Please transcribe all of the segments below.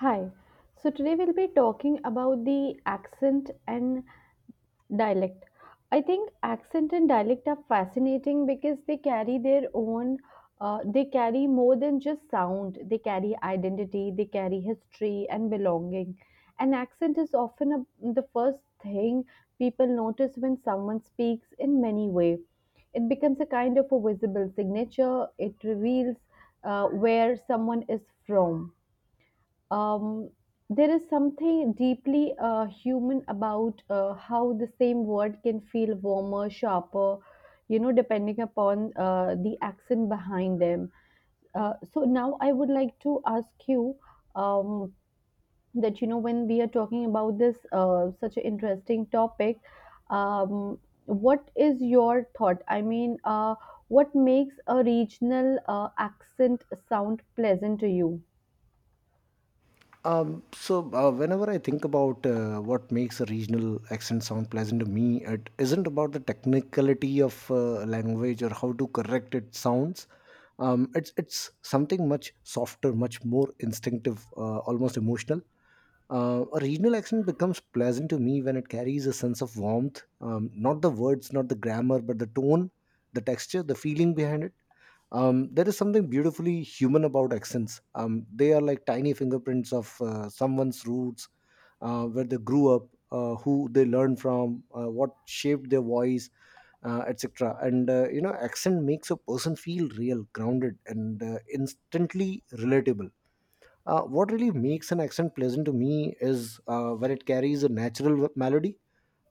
Hi. So today we'll be talking about the accent and dialect. I think accent and dialect are fascinating because they carry their own, they carry more than just sound. They carry identity, they carry history and belonging. An accent is often the first thing people notice when someone speaks in many ways. It becomes a kind of a visible signature. It reveals where someone is from um, there is something deeply human about how the same word can feel warmer, sharper, depending upon the accent behind them. So now I would like to ask you, um, that you know, when we are talking about this such an interesting topic, um, what is your thought? What makes a regional accent sound pleasant to you? Whenever I think about what makes a regional accent sound pleasant to me, it isn't about the technicality of language or how to correct its sounds. It's something much softer, much more instinctive, almost emotional. A regional accent becomes pleasant to me when it carries a sense of warmth, not the words, not the grammar, but the tone, the texture, the feeling behind it. There is something beautifully human about accents. They are like tiny fingerprints of someone's roots, where they grew up, who they learned from, what shaped their voice, etc. And accent makes a person feel real, grounded, and instantly relatable. What really makes an accent pleasant to me is when it carries a natural melody.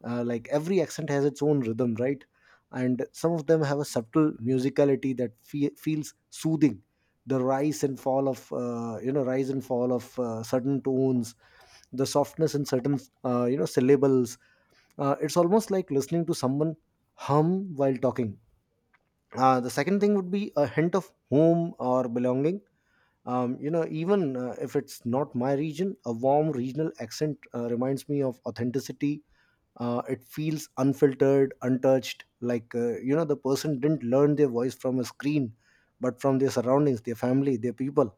Like every accent has its own rhythm, right? And some of them have a subtle musicality that feels soothing. The rise and fall of certain tones, the softness in certain syllables. It's almost like listening to someone hum while talking. The second thing would be a hint of home or belonging. Even if it's not my region, a warm regional accent reminds me of authenticity. It feels unfiltered, untouched, like the person didn't learn their voice from a screen but from their surroundings, their family, their people.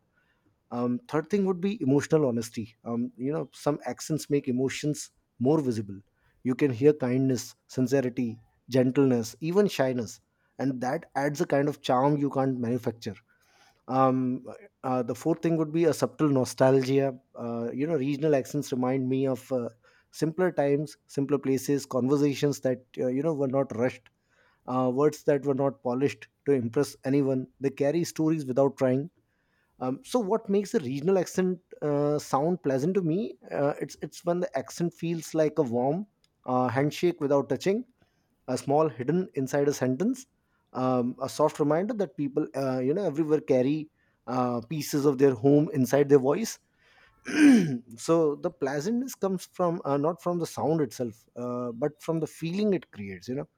Third thing would be emotional honesty. Some accents make emotions more visible. You can hear kindness, sincerity, gentleness, even shyness, and that adds a kind of charm you can't manufacture. Um uh, the fourth thing would be a subtle nostalgia. Regional accents remind me of simpler times, simpler places, conversations that were not rushed, words that were not polished to impress anyone. They carry stories without trying. What makes a regional accent sound pleasant to me? It's when the accent feels like a warm handshake without touching, a small hidden inside a sentence, a soft reminder that people everywhere carry pieces of their home inside their voice. So the pleasantness comes from not from the sound itself, but from the feeling it creates. You know,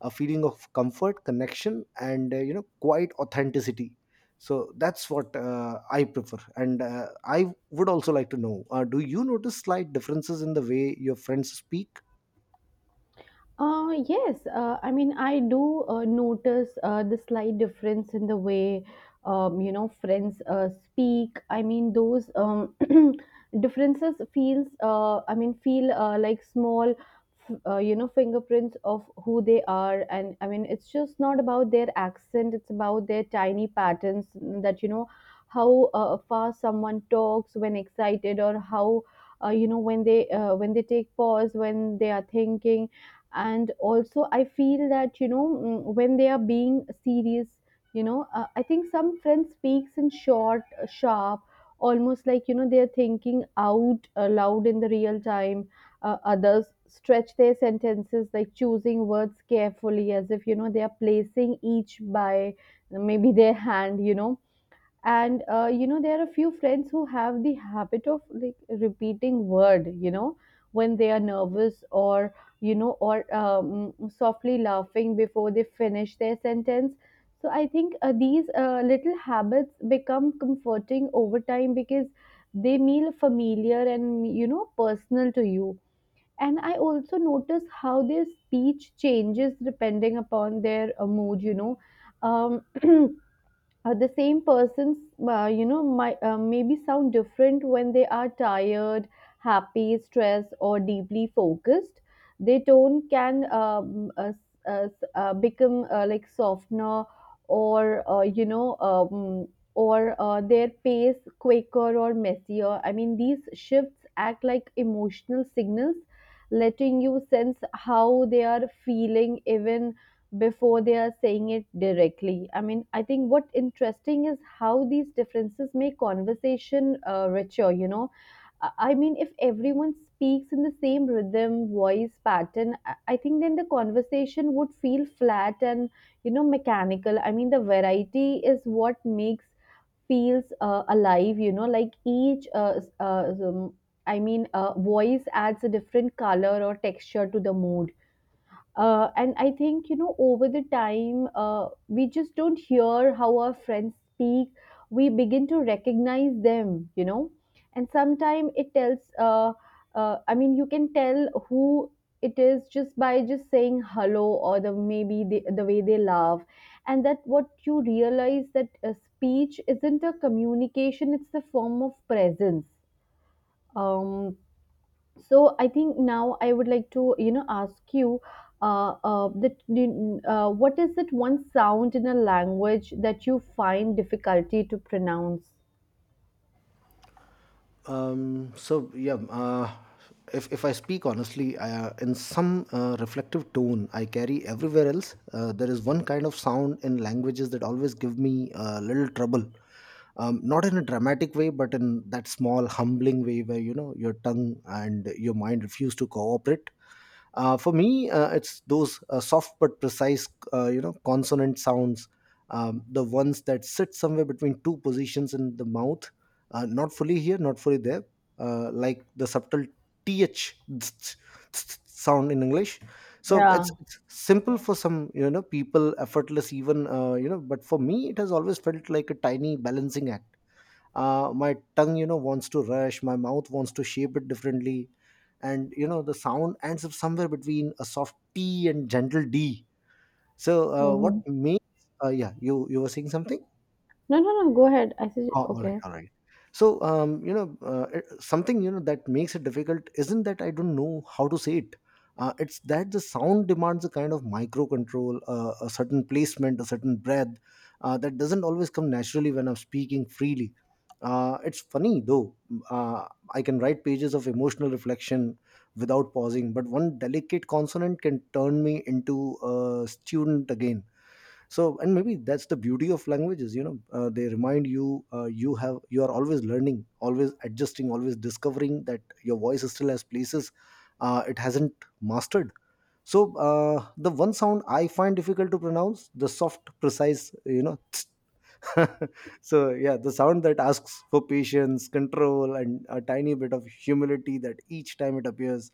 a feeling of comfort, connection, and quite authenticity. So that's what I prefer, and I would also like to know, do you notice slight differences in the way your friends speak? Yes, I do notice the slight difference in the way, friends speak. I mean, those differences feel like small, you know, fingerprints of who they are. And I mean, it's just not about their accent; it's about their tiny patterns, that you know, how fast someone talks when excited, or how, when they take pause, when they are thinking. And also I feel that, you know, when they are being serious, you know, I think some friends speaks in short, sharp, almost like, you know, they are thinking out loud in the real time. Others stretch their sentences like choosing words carefully, as if, you know, they are placing each by maybe their hand, you know. And there are a few friends who have the habit of like repeating word, you know, when they are nervous or, you know, or softly laughing before they finish their sentence. So I think these little habits become comforting over time because they feel familiar and, you know, personal to you. And I also notice how their speech changes depending upon their mood, you know. um, the same persons might maybe sound different when they are tired, happy, stressed or deeply focused. Their tone can become like softener, or, their pace quicker or messier. I mean, these shifts act like emotional signals, letting you sense how they are feeling even before they are saying it directly. I mean, I think what interesting is how these differences make conversation richer, you know. I mean, if everyone speaks in the same rhythm, voice pattern, I think then the conversation would feel flat and, you know, mechanical. I mean, the variety is what makes feels alive, you know, like each voice adds a different color or texture to the mood. And I think, you know, over the time, we just don't hear how our friends speak. We begin to recognize them, you know. And sometimes it tells, you can tell who it is just by just saying hello or the maybe the way they laugh. And that what you realize that speech isn't a communication, it's the form of presence. Um, so I think now I would like to, you know, ask you, what is that one sound in a language that you find difficulty to pronounce? Yeah, if I speak honestly, in some reflective tone I carry everywhere else, there is one kind of sound in languages that always give me a little trouble. Not in a dramatic way, but in that small, humbling way where you know your tongue and your mind refuse to cooperate. For me, it's those soft but precise, consonant sounds, the ones that sit somewhere between two positions in the mouth, not fully here, not fully there, like the subtle th sound in English. So Yeah. it's, it's simple for some, you know, people, effortless even, you know. But for me, it has always felt like a tiny balancing act. My tongue, you know, wants to rush, my mouth wants to shape it differently, and you know, the sound ends up somewhere between a soft t and gentle d. so what Hmm. makes yeah, you were saying something. No, no, no, go ahead, I said, Oh, all right, okay. all right. So, something, you know, that makes it difficult isn't that I don't know how to say it. It's that the sound demands a kind of micro control, a certain placement, a certain breath that doesn't always come naturally when I'm speaking freely. It's funny though. Uh, I can write pages of emotional reflection without pausing, but one delicate consonant can turn me into a student again. So and maybe that's the beauty of languages, you know, they remind you you have you are always learning, always adjusting, always discovering that your voice still has places it hasn't mastered. So the one sound I find difficult to pronounce, the soft precise, you know so yeah, the sound that asks for patience, control, and a tiny bit of humility that each time it appears.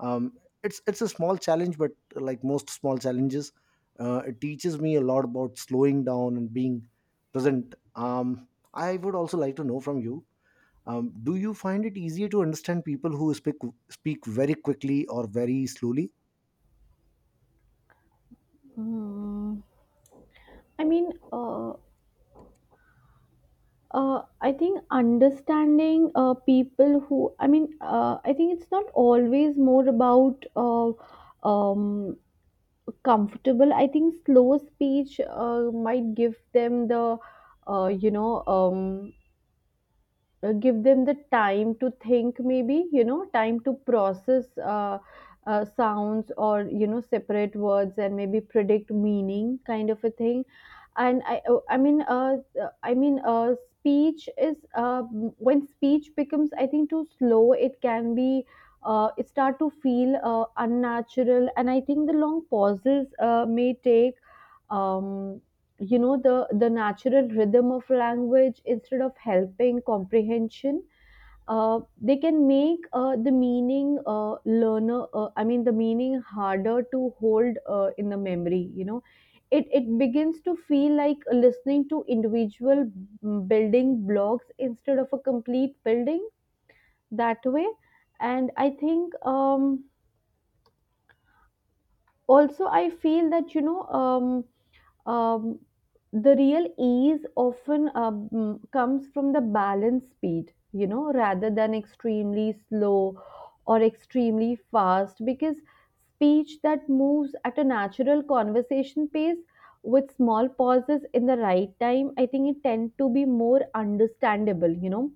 Um, it's it's a small challenge, but like most small challenges, it teaches me a lot about slowing down and being present. I would also like to know from you, do you find it easier to understand people who speak very quickly or very slowly? Mm, I mean, uh, I think understanding people who, I think it's not always more about, um, comfortable. I think slow speech might give them the, uh, you know um, give them the time to think, maybe, you know, time to process sounds, or, you know, separate words and maybe predict meaning, kind of a thing. And I mean speech is when speech becomes, I think, too slow, it can be it start to feel unnatural. And I think the long pauses may take um, you know, the natural rhythm of language instead of helping comprehension. They can make the meaning learner I mean the meaning harder to hold in the memory, you know. It begins to feel like listening to individual, building blocks instead of a complete building, that way. And I think, also I feel that, you know, um, the real ease often comes from the balanced speed, you know, rather than extremely slow or extremely fast, because speech that moves at a natural conversation pace with small pauses in the right time, I think it tend to be more understandable, you know.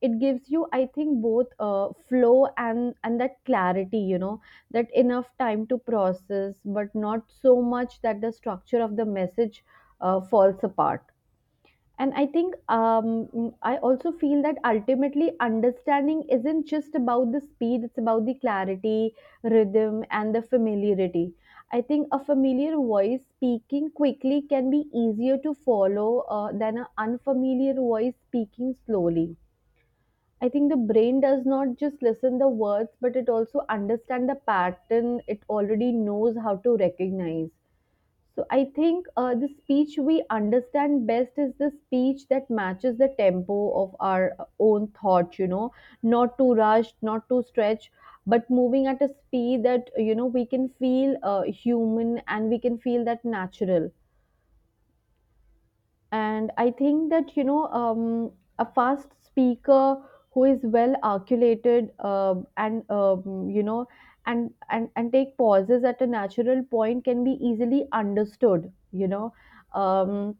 It gives you, I think, both flow and that clarity, you know, that enough time to process, but not so much that the structure of the message falls apart. And I think, I also feel that ultimately understanding isn't just about the speed, it's about the clarity, rhythm, and the familiarity. I think a familiar voice speaking quickly can be easier to follow than an unfamiliar voice speaking slowly. I think the brain does not just listen the words, but it also understand the pattern. It already knows how to recognize. So I think the speech we understand best is the speech that matches the tempo of our own thoughts. You know, not too rushed, not too stretched, but moving at a speed that, you know, we can feel human and we can feel that natural. And I think that, you know, a fast speaker who is well articulated, and, and take pauses at a natural point can be easily understood, you know. Um,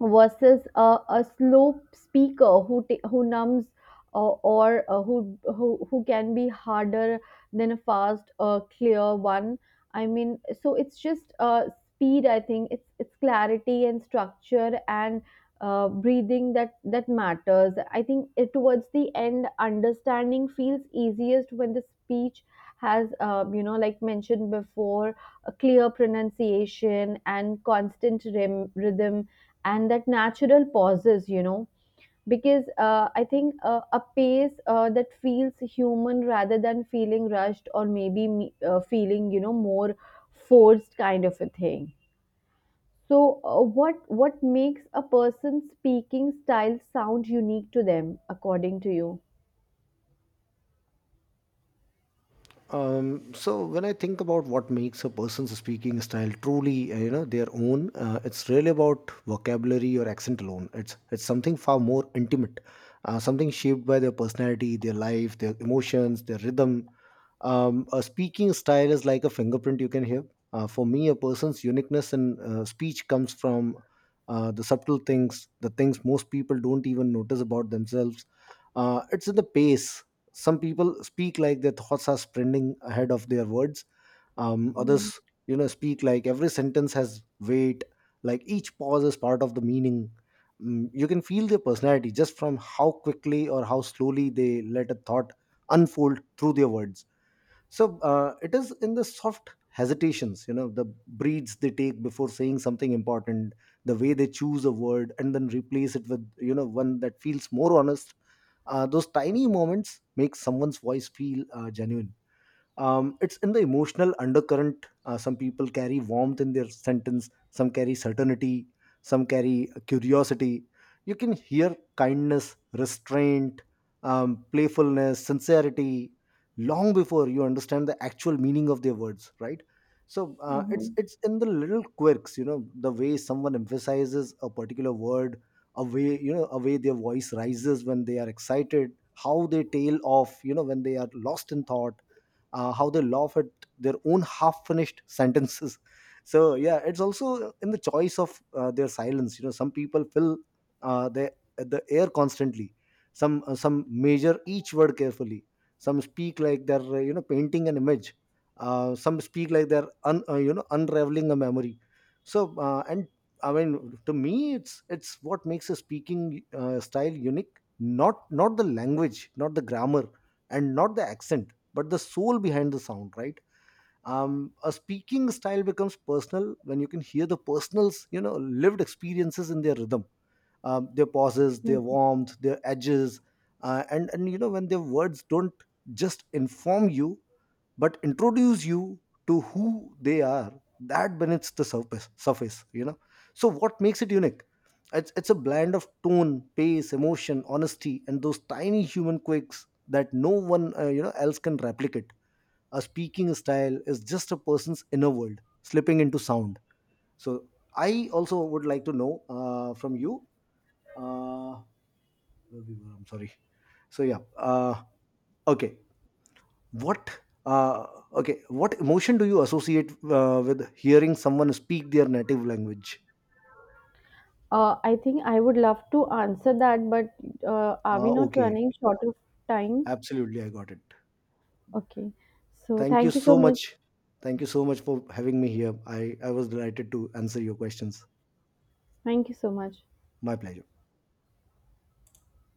Versus a slow speaker who who numbs, uh, or who can be harder than a fast, clear one. I mean, so it's just speed, I think it's clarity and structure and breathing that matters. I think it, towards the end, understanding feels easiest when the speech has you know, like mentioned before, a clear pronunciation and constant rhythm and that natural pauses, you know. Because I think a pace that feels human, rather than feeling rushed, or maybe feeling, you know, more forced, kind of a thing. So what what makes a person's speaking style sound unique to them, according to you? When I think about what makes a person's speaking style truly, their own, it's really about vocabulary or accent alone. It's something far more intimate, something shaped by their personality, their life, their emotions, their rhythm. A speaking style is like a fingerprint you can hear. For me, a person's uniqueness in speech comes from the subtle things, the things most people don't even notice about themselves. It's in the pace. Some people speak like their thoughts are sprinting ahead of their words. Mhm. Others, you know, speak like every sentence has weight, like each pause is part of the meaning. Mm, you can feel their personality just from how quickly or how slowly they let a thought unfold through their words. So it is in the soft hesitations, you know, the breaths they take before saying something important, the way they choose a word and then replace it with, you know, one that feels more honest. Those tiny moments make someone's voice feel genuine. It's in the emotional undercurrent. Some people carry warmth in their sentence, some carry certainty, some carry curiosity. You can hear kindness, restraint, playfulness, sincerity, long before you understand the actual meaning of their words, right? so uh, it's Mhm. it's in the little quirks, you know, the way someone emphasizes a particular word, a way their voice rises when they are excited, how they tail off, you know, when they are lost in thought, how they laugh at their own half-finished sentences. So yeah, it's also in the choice of their silence. You know, some people fill the air constantly. Some measure each word carefully. Some speak like they're painting an image. Some speak like they're un, you know unraveling a memory. So and I mean, to me, it's what makes a speaking style unique. Not the language, not the grammar, and not the accent, but the soul behind the sound, right? A speaking style becomes personal when you can hear the personals, you know, lived experiences in their rhythm, their pauses, their Mhm. warmth, their edges, and when their words don't just inform you but introduce you to who they are, that beneath the surface, you know. So what makes it unique? It's a blend of tone, pace, emotion, honesty, and those tiny human quirks that no one else can replicate. A speaking style is just a person's inner world slipping into sound. So I also would like to know from you uh, where we were, I'm sorry. So yeah, okay, what uh, okay, what emotion do you associate with hearing someone speak their native language? I think I would love to answer that, but are we not okay, running short of time? absolutely, I got it. Okay. So Thank you thank you so so much. much. Thank you so much for having me here. I was delighted to answer your questions. Thank you so much. My pleasure.